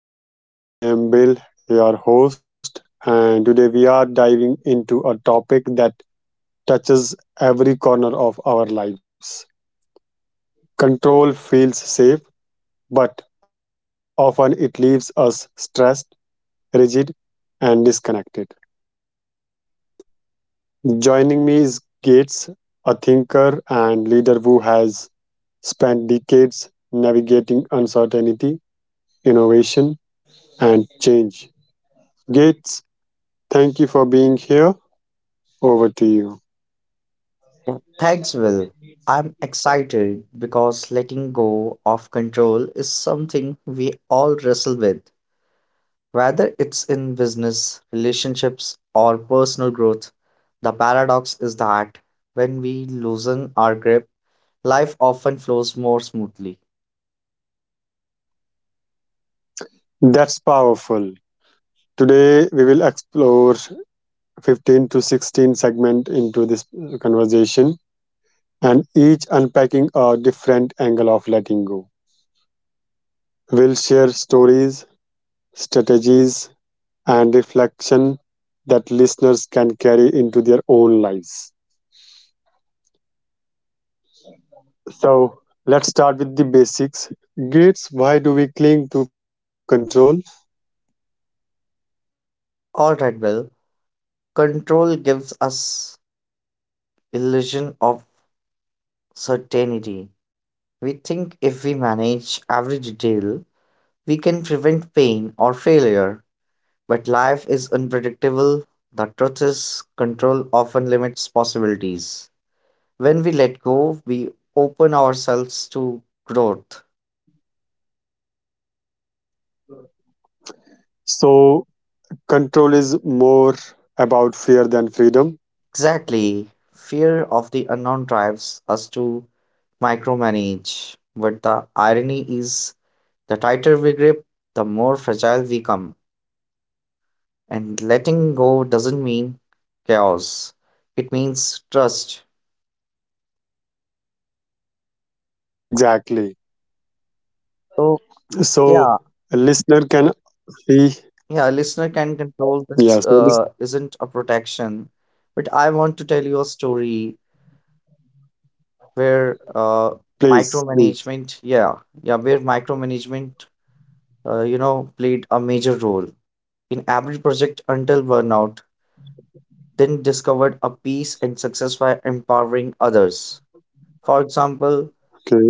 of Control. I am Bill, your host, and today we are diving into a topic that touches every corner of our lives. Control feels safe, but often it leaves us stressed, rigid, and disconnected. Joining me is Gates, a thinker and leader who has spent decades navigating uncertainty, innovation, and change. Gates, thank you for being here. Over to you. Yeah, thanks, Will. I'm excited because letting go of control is something we all wrestle with. Whether it's in business, relationships, or personal growth, the paradox is that when we loosen our grip, life often flows more smoothly. That's powerful. Today we will explore 15 to 16 segment into this conversation and each unpacking a different angle of letting go. We'll share stories, strategies and reflection that listeners can carry into their own lives. So, let's start with the basics. Gates, why do we cling to control? All right, Will. Control gives us illusion of certainty. We think if we manage every detail, we can prevent pain or failure. But life is unpredictable. The truth is, control often limits possibilities. When we let go, we open ourselves to growth. So, control is more about fear than freedom. Exactly. Fear of the unknown drives us to micromanage. But the irony is, the tighter we grip, the more fragile we come. And letting go doesn't mean chaos, it means trust. Exactly. So, So yeah. a listener can see, Yeah, a listener can control yeah, this so this, isn't a protection, but I want to tell you a story where please, please. micromanagement, yeah, yeah, where micromanagement, played a major role in every project until burnout, then discovered a peace and success by empowering others. For example,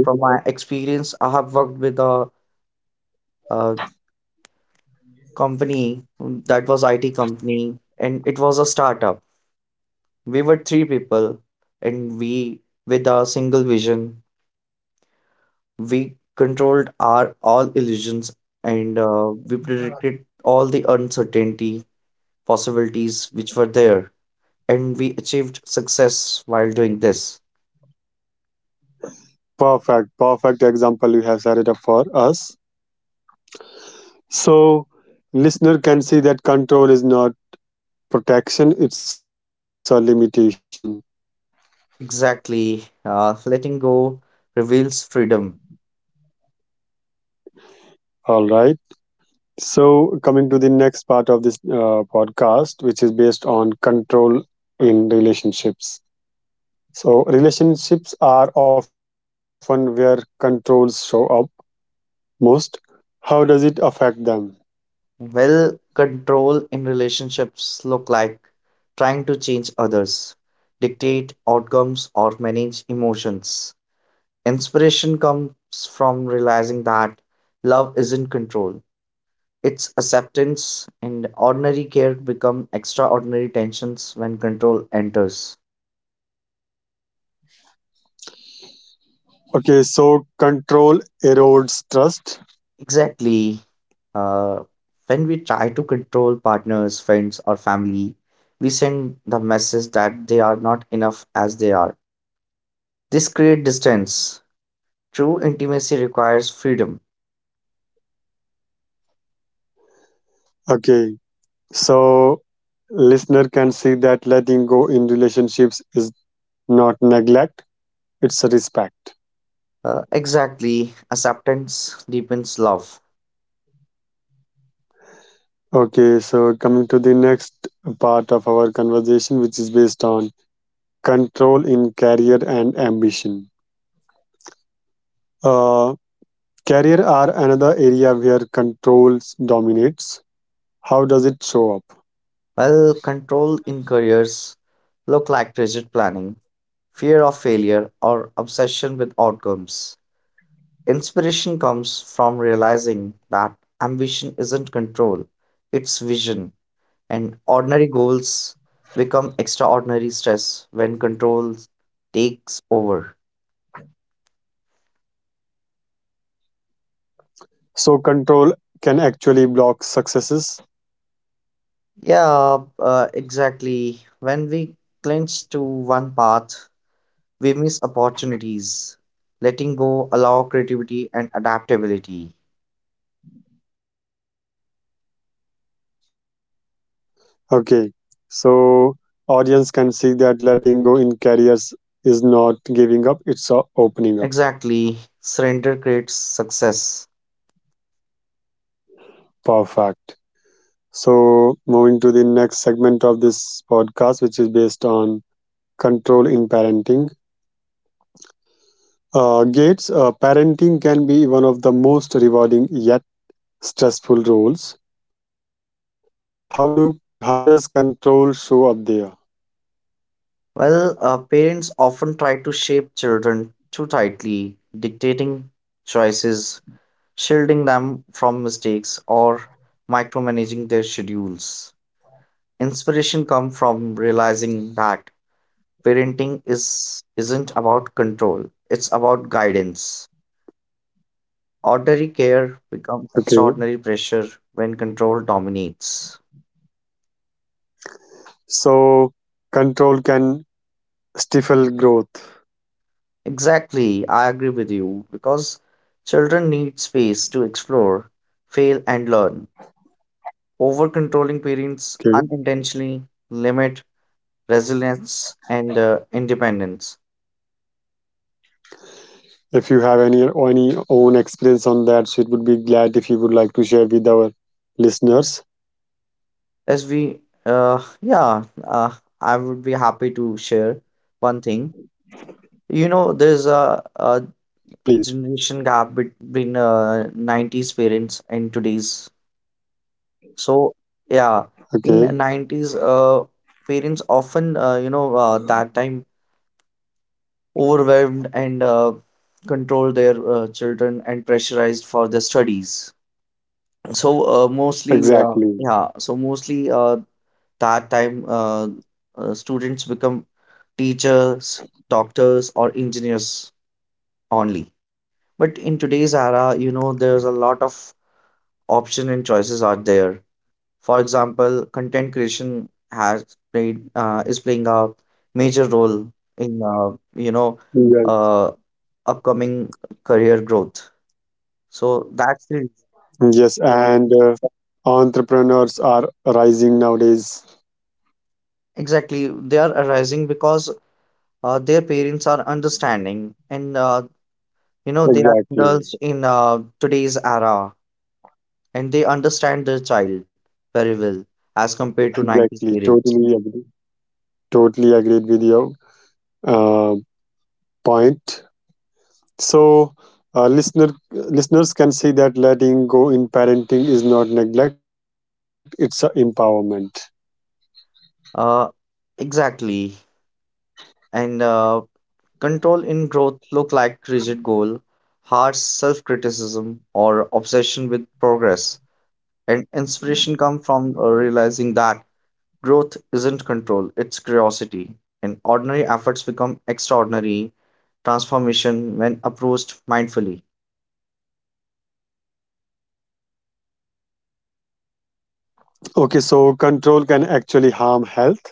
from my experience, I have worked with a, uh company that was IT company, and it was a startup. We were three people, and we, with our single vision, we controlled our all illusions and we predicted all the uncertainty possibilities which were there, and we achieved success while doing this. perfect, perfect example you have set it up for us. So listener can see that control is not protection, it's a limitation. Exactly, letting go reveals freedom. All right. So coming to the next part of this podcast, which is based on control in relationships. So relationships are often where controls show up most. How does it affect them? Well, control in relationships look like trying to change others, dictate outcomes, or manage emotions. Inspiration comes from realizing that love isn't control, it's acceptance, and ordinary care become extraordinary tensions when control enters. Okay, so control erodes trust. Exactly. Uh, when we try to control partners, friends, or family, we send the message that they are not enough as they are. This creates distance. True intimacy requires freedom. Okay, so listener can see that letting go in relationships is not neglect, it's a respect. Exactly. Acceptance deepens love. Okay, so coming to the next part of our conversation, which is based on control in career and ambition. Uh, Career are another area where control dominates. How does it show up? Well, control in careers look like rigid planning, fear of failure, or obsession with outcomes. Inspiration comes from realizing that ambition isn't control, it's vision, and ordinary goals become extraordinary stress when control takes over. So, control can actually block successes. Yeah, exactly. When we clinch to one path, we miss opportunities. Letting go allow creativity and adaptability. Okay, so audience can see that letting go in careers is not giving up, it's a opening up. Exactly. Surrender creates success. Perfect. So, moving to the next segment of this podcast, which is based on control in parenting. Gates, parenting can be one of the most rewarding yet stressful roles. How do how does control show up there? Well, parents often try to shape children too tightly, dictating choices, shielding them from mistakes, or micromanaging their schedules. Inspiration comes from realizing that parenting is isn't about control, it's about guidance. Ordinary care becomes Okay, extraordinary pressure when control dominates. so control can stifle growth. Exactly, I agree with you because children need space to explore, fail, and learn. Over controlling parents Okay, unintentionally limit resilience and independence. if you have any own experience on that, so it would be glad if you would like to share with our listeners, As we, uh, yeah, uh, I would be happy to share one thing. You know, there's a, please. a generation gap between nineties parents and today's. So yeah, Okay, in nineties, parents often, that time overwhelmed and control their children and pressurized for their studies. So mostly, exactly. yeah, so mostly that time students become teachers, doctors, or engineers only. But in today's era, you know, there's a lot of option and choices out there. For example, content creation has played is playing a major role in Yes, uh, upcoming career growth. So that's the reason. yes, and entrepreneurs are rising nowadays. Exactly, they are arising because their parents are understanding and you know they are adults Exactly, in today's era and they understand their child very well as compared to nineties exactly. periods. Totally agree. Totally agreed with your uh, point. So, listeners can see that letting go in parenting is not neglect; it's a empowerment. Uh, exactly, and control in growth look like rigid goal, harsh self-criticism, or obsession with progress. And inspiration comes from realizing that growth isn't control, it's curiosity. And ordinary efforts become extraordinary transformation when approached mindfully. Okay, so control can actually harm health.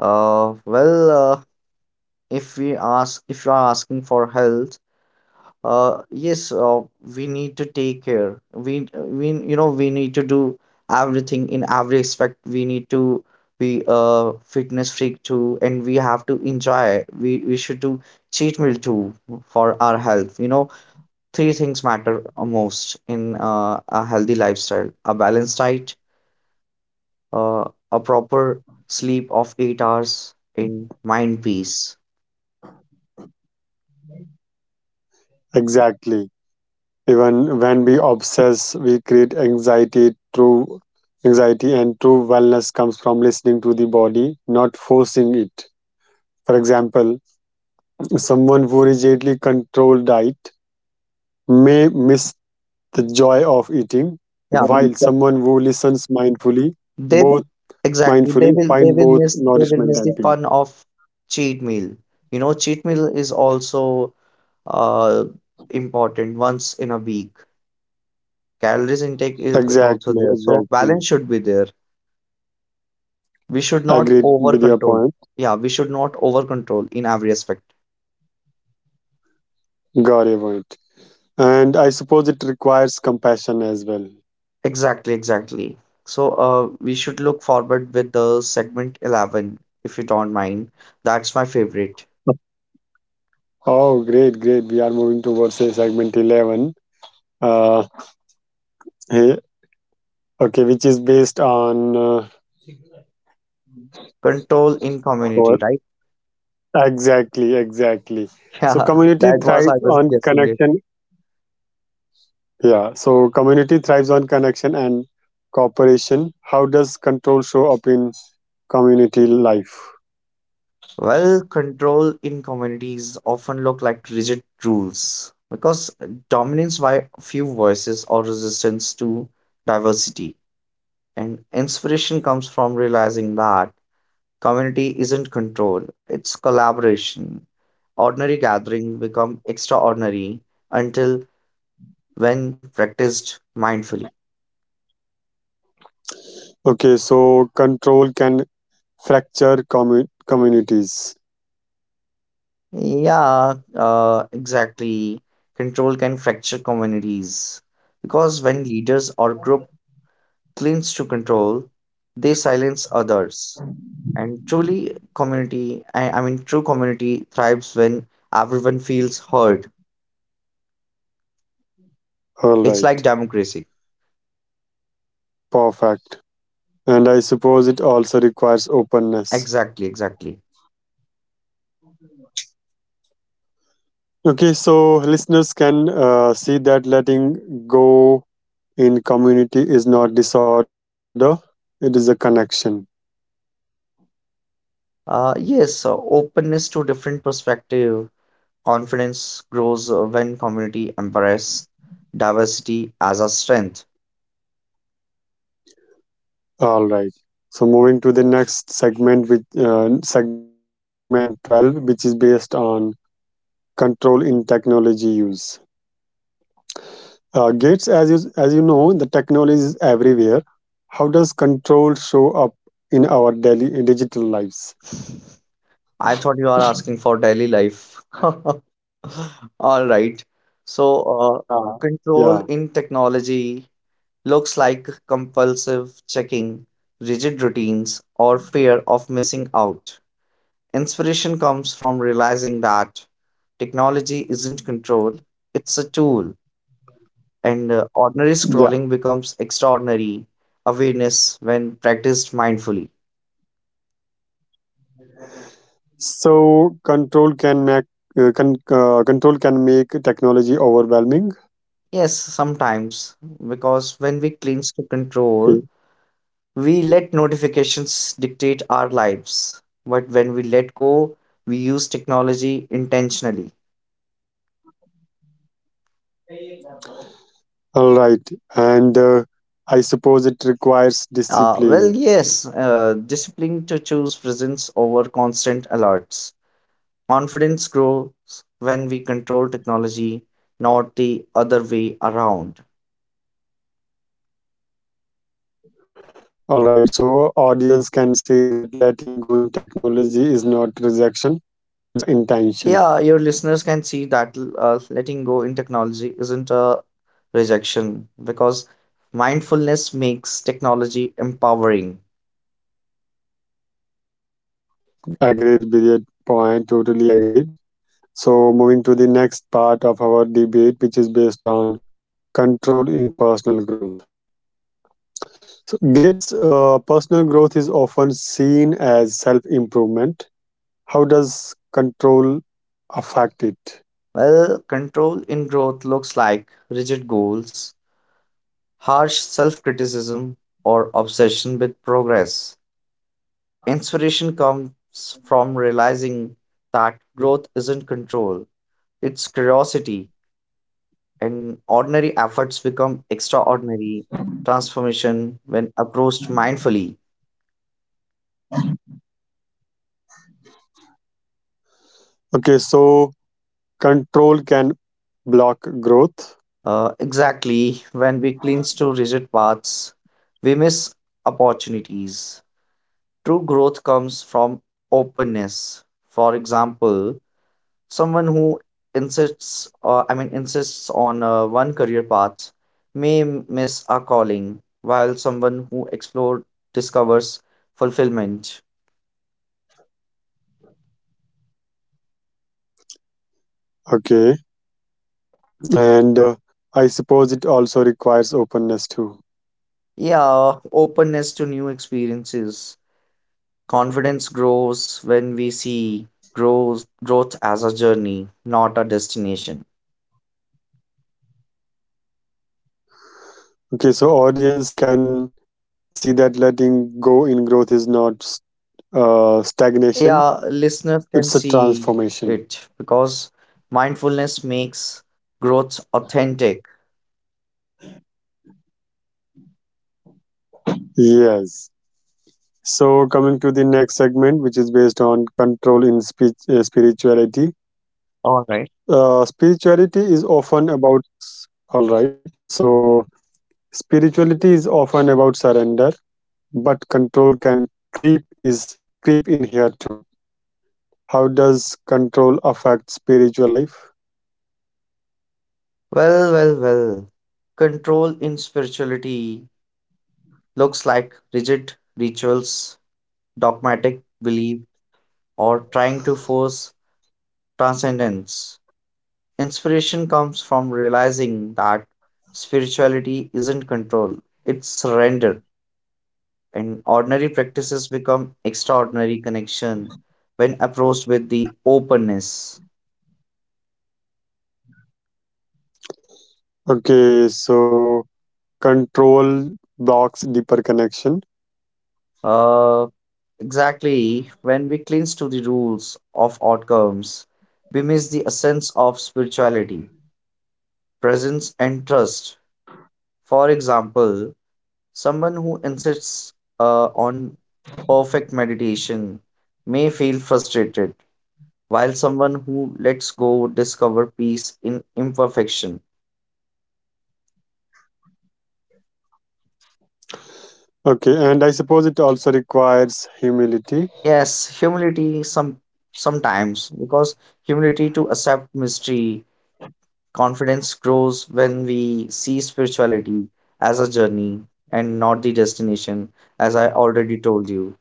Uh, well, uh, if we ask, if you are asking for health, yes, we need to take care. We need to do everything in every aspect. We need to be a fitness freak too, and we have to enjoy. We should do cheat meal too for our health. You know, three things matter most in a healthy lifestyle: a balanced diet, uh, a proper sleep of 8 hours, and mind peace. Exactly. Even when we obsess, we create anxiety. True anxiety and true wellness comes from listening to the body, not forcing it. For example, someone who rigidly controls diet may miss the joy of eating, Yeah. while someone who listens mindfully, They both will, exactly. They mindfully, will they find will both miss they will nourishment miss and the peace. fun of cheat meal. You know, cheat meal is also uh important once in a week. Calories intake is also Exactly, there. So balance exactly. should be there. We should not Agreed over with your control. point. Yeah, we should not over control in every aspect. Got your point. And I suppose it requires compassion as well. Exactly, exactly. So we should look forward with the segment 11 if you don't mind. That's my favorite. Oh, great, great. We are moving towards segment 11, uh, hey, okay, which is based on Control in community, our- right? exactly, exactly. Yeah, So, community that was I thrives was on guessing it. connection. Yeah, so community thrives on connection and cooperation. How does control show up in community life? Well, control in communities often look like rigid rules because dominance by a few voices or resistance to diversity. And inspiration comes from realizing that community isn't control, it's collaboration. Ordinary gatherings become extraordinary until when practiced mindfully. Okay, so control can fracture communities. Yeah, exactly. Control can fracture communities because when leaders or group clings to control, they silence others. And truly, community, I mean, true community thrives when everyone feels heard. All It's right, like democracy. perfect. And I suppose it also requires openness. Exactly, exactly. Okay, so listeners can see that letting go in community is not disorder, it is a connection. Yes, so openness to different perspective, confidence grows when community embrace diversity as a strength. All right. So moving to the next segment with segment 12 which is based on control in technology use. Gates, as you know the technology is everywhere. How does control show up in our daily digital lives? I thought you are asking for daily life. All right. So, Yeah. control in Yeah. technology looks like compulsive checking, rigid routines, or fear of missing out. Inspiration comes from realizing that technology isn't control, it's a tool, and ordinary scrolling Yeah. becomes extraordinary awareness when practiced mindfully. So control can make control can make technology overwhelming. Yes, sometimes, because when we cling to control, Okay. we let notifications dictate our lives, but when we let go, we use technology intentionally. All right, and I suppose it requires Uh, discipline. well, yes, discipline to choose presence over constant alerts. Confidence grows when we control technology, not the other way around. All right, so audience can say that letting go in technology is not rejection; it's the intention. Yeah, your listeners can see that letting go in technology isn't a rejection because mindfulness makes technology empowering. Agreed with your point. Totally agreed. So moving to the next part of our debate, which is based on control in personal growth. So Gates' personal growth is often seen as self improvement. How does control affect it? Well, control in growth looks like rigid goals, harsh self criticism, or obsession with progress. Inspiration comes from realizing that Okay. growth isn't control, it's curiosity, and ordinary efforts become extraordinary transformation when approached mindfully. Okay, so control can block growth. Exactly, when we cling to rigid paths, we miss opportunities. True growth comes from openness. For example, someone who I mean, insists on one career path may miss a calling, while someone who explores discovers fulfillment. Okay, and I suppose it also requires openness too. Yeah, openness to new experiences. Confidence grows when we see grows growth as a journey, not a destination. Okay, so audience can see that letting go in growth is not stagnation, Yeah, listeners can it's a see transformation. it because mindfulness makes growth authentic. Yes. So coming to the next segment, which is based on control in speech, spirituality. All right. Spirituality is often about All right. So spirituality is often about surrender, but control can creep is creep in here too. How does control affect spiritual life? Well. Control in spirituality looks like rigid rituals, dogmatic belief, or trying to force transcendence. Inspiration comes from realizing that spirituality isn't control, it's surrender. And ordinary practices become extraordinary connection when approached with the openness. Okay, so control blocks deeper connection. Uh, exactly, when we cling to the rules of outcomes, we miss the essence of spirituality, presence, and trust. For example, someone who insists on perfect meditation may feel frustrated, while someone who lets go discover peace in imperfection. Okay, and I suppose it also requires humility. Yes, humility some sometimes because humility to accept mystery, confidence grows when we see spirituality as a journey and not the destination, as I already told you.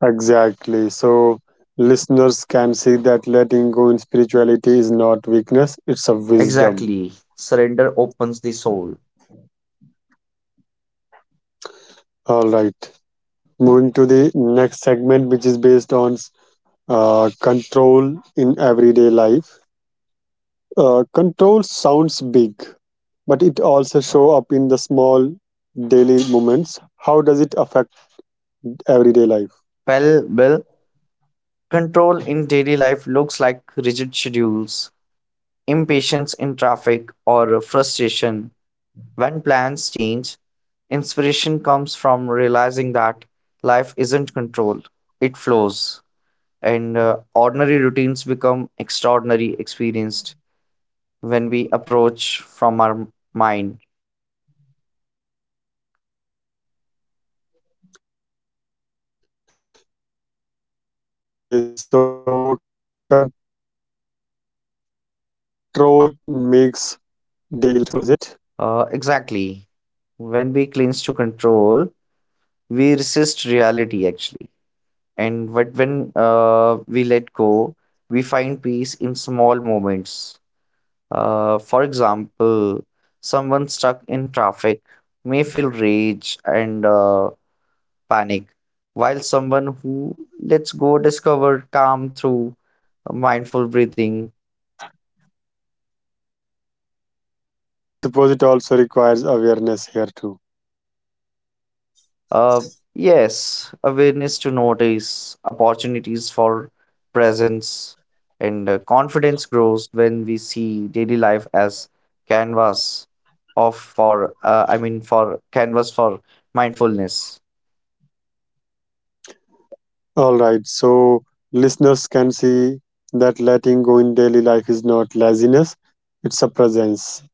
Exactly. So listeners can see that letting go in spirituality is not weakness, it's a wisdom. Exactly. Surrender opens the soul. All right. Moving to the next segment, which is based on control in everyday life. Control sounds big, but it also show up in the small daily moments. How does it affect everyday life? Well, well, Control in daily life looks like rigid schedules, impatience in traffic, or frustration when plans change. Inspiration comes from realizing that life isn't controlled, it flows, and ordinary routines become extraordinary experienced when we approach from our mind. Okay, so control makes daily life stressful, is it? Exactly. When we cling to control, we resist reality actually. And but when we let go, we find peace in small moments. For example, someone stuck in traffic may feel rage and panic, while someone who lets go discover calm through mindful breathing. Okay, and I suppose it also requires awareness here too. Uh, yes, awareness to notice opportunities for presence and confidence grows when we see daily life as canvas of for I mean for canvas for mindfulness. All right, so listeners can see that letting go in daily life is not laziness, it's a presence.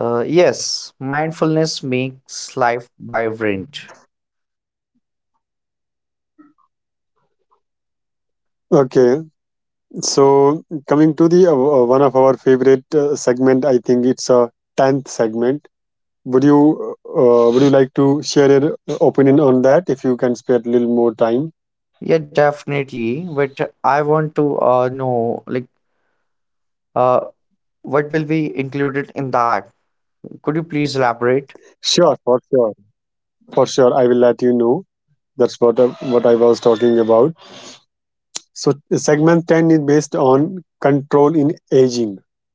Yes, mindfulness makes life vibrant. Okay, so coming to the one of our favorite segment, I think it's a tenth segment. Would you like to share your opinion on that if you can spare a little more time? Yeah, definitely. But I want to know, like, Uh, what will be included in that? Could you please elaborate? Sure, for sure, for sure. I will let you know. That's what I was talking about. So segment 10 is based on control in aging.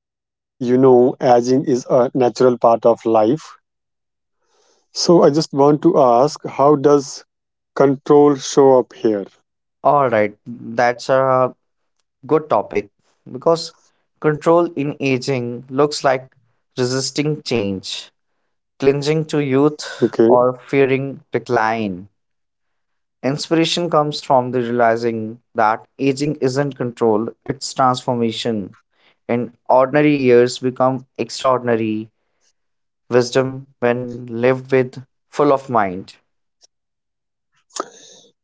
As you know, aging is a natural part of life. So I just want to ask, how does control show up here? All right, that's a good topic because control in aging looks like resisting change, clinging to youth, Okay. or fearing decline. Inspiration comes from the realizing that aging isn't control, it's transformation. And ordinary years become extraordinary wisdom when lived with full of mind.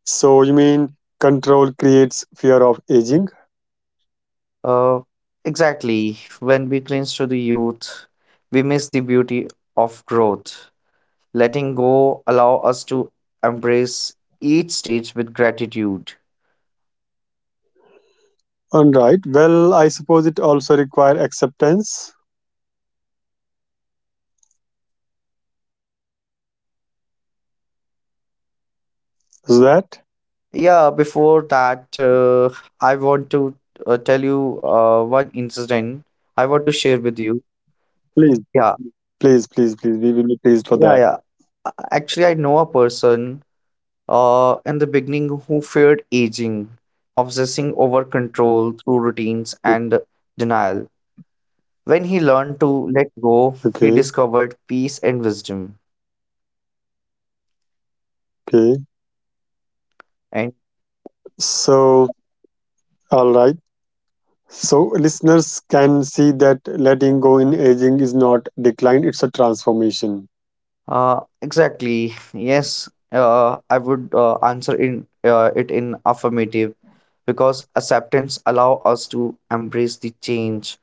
So you mean control creates fear of aging? Uh, exactly. When we cling to the youth, we miss the beauty of growth. Letting go allow us to embrace each stage with gratitude. All right. Well, I suppose it also require acceptance. Is that? Yeah, before that, I want to tell you one incident I want to share with you. Please, Yeah, please, please, please. We will be pleased for that. yeah. Actually, I know a person in the beginning who feared aging, obsessing over control through Mm. routines and denial. When he learned to let go, Okay. he discovered peace and wisdom. Okay. And So, all right. So, listeners can see that letting go in aging is not decline, it's a transformation. Exactly, yes, I would answer in it in affirmative because acceptance allow us to embrace the change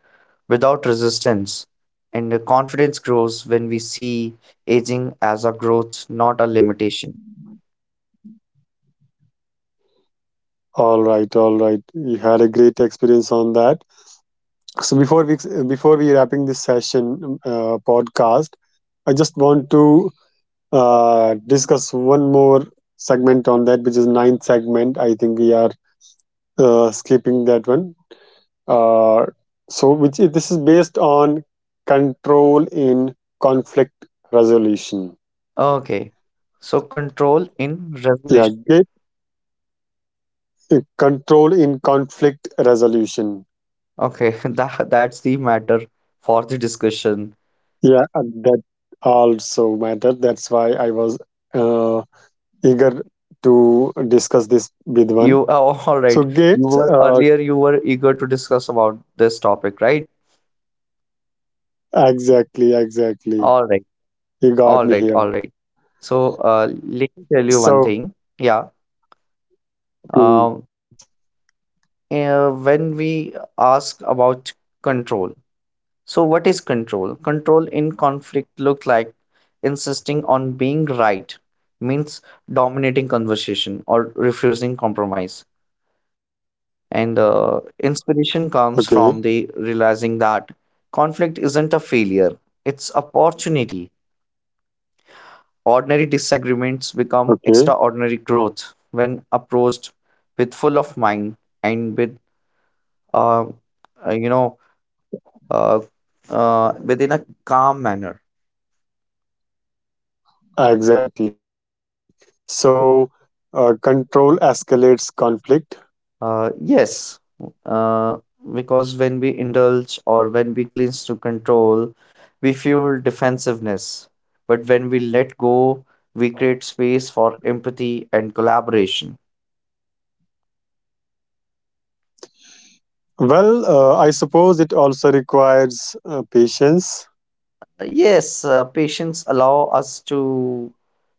without resistance. And the confidence grows when we see aging as a growth, not a limitation. All right, all right. You had a great experience on that. So, before we wrapping this session podcast, I just want to discuss one more segment on that, which is ninth segment. I think we are skipping that one. Uh, so, which is, this is based on control in conflict resolution. Okay, so control in Yeah, resolution. Control in conflict resolution. Okay, that that's the matter for the discussion. Yeah, and that also matter. That's why I was uh, eager to discuss this with one. You oh, all So right. You Gates, were earlier you were eager to discuss about this topic, right? exactly, exactly. All right. You got me here. All right. So, let me tell you one So thing. Yeah. please, Um, when we ask about control, so what is control? Control in conflict look like insisting on being right means dominating conversation or refusing compromise. And inspiration okay, comes from the realizing that conflict isn't a failure, it's opportunity. Ordinary disagreements become okay, extraordinary growth when approached with full of mind and with uh, uh, you know uh, within a calm manner. exactly. So control escalates conflict. Yes, uh, because when we indulge or when we clinch to control, we fuel defensiveness. But when we let go, we create space for empathy and collaboration. Well, I suppose it also requires patience. Yes, patients allow us to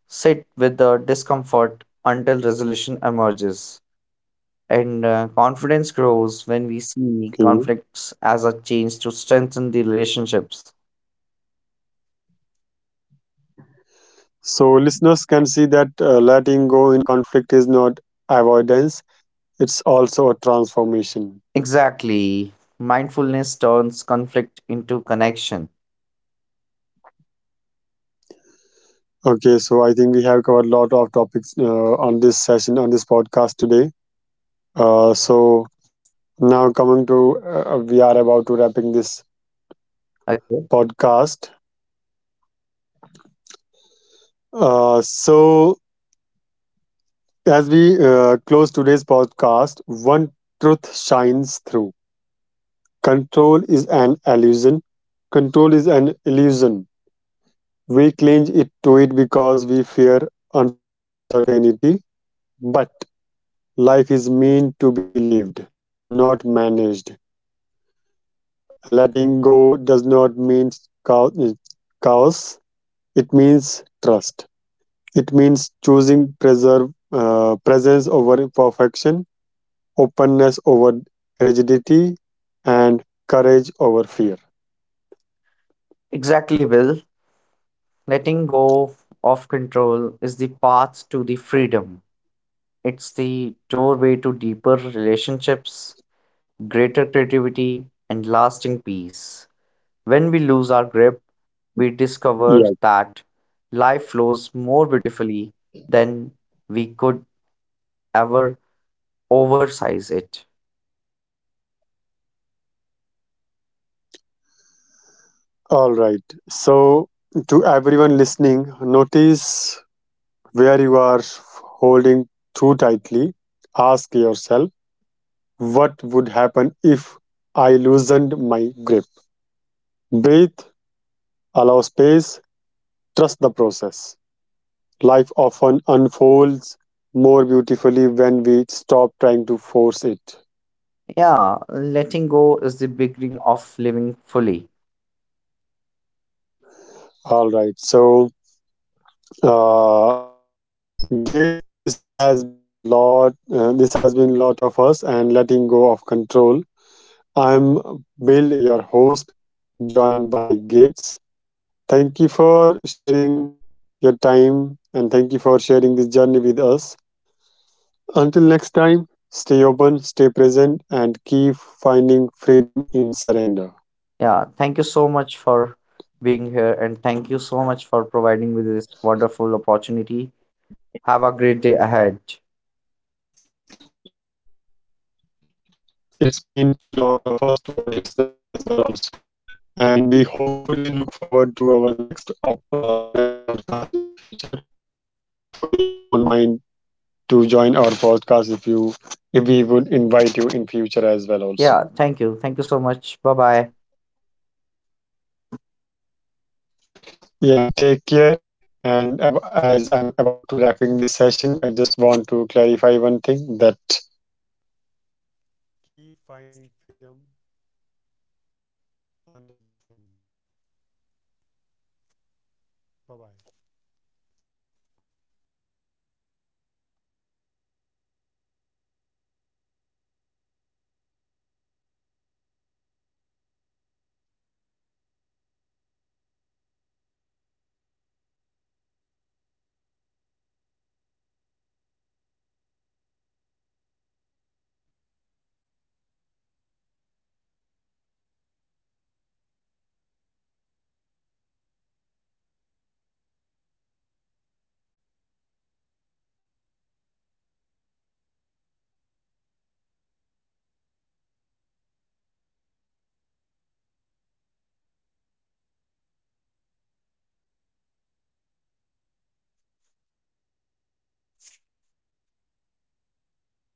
sit with the discomfort until resolution emerges. And confidence grows when we see Okay. conflicts as a chance to strengthen the relationships. So listeners can see that letting go in conflict is not avoidance; it's also a transformation. Exactly. Mindfulness turns conflict into connection. Okay, so I think we have covered a lot of topics on this session on this podcast today. So now coming to we are about to wrapping this Okay. podcast. So as we close today's podcast, one truth shines through: control is an illusion. Control is an illusion. We cling it to it because we fear uncertainty, but life is meant to be lived, not managed. Letting go does not mean chao- chaos, it means trust. It means choosing presence over perfection, openness over rigidity, and courage over fear. Exactly, Will. Letting go of control is the path to the freedom. It's the doorway to deeper relationships, greater creativity, and lasting peace. When we lose our grip, we discover Yeah. that life flows more beautifully than we could ever oversize it. All right. So, to everyone listening, notice where you are holding too tightly, ask yourself, what would happen if I loosened my grip? Breathe, allow space, trust the process. Life often unfolds more beautifully when we stop trying to force it. Yeah, letting go is the beginning of living fully. All right. So, uh, Gates, this has been lot. This has been lot of us and letting go of control. I'm Bill, your host, joined by Gates. Thank you for sharing your time and thank you for sharing this journey with us. Until next time, stay open, stay present, and keep finding freedom in surrender. Yeah, thank you so much for being here and thank you so much for providing me this wonderful opportunity. Have a great day ahead. It's mean to lot of us, to our listeners as well, also. And we hopefully look forward to our next next podcast in future. Hopefully, you won't mind to join our podcast if we would invite you in future as well, also. Yeah, thank you. Thank you so much. Bye bye. Yeah, take care. And as I'm about to wrapping this session, I just want to clarify one thing that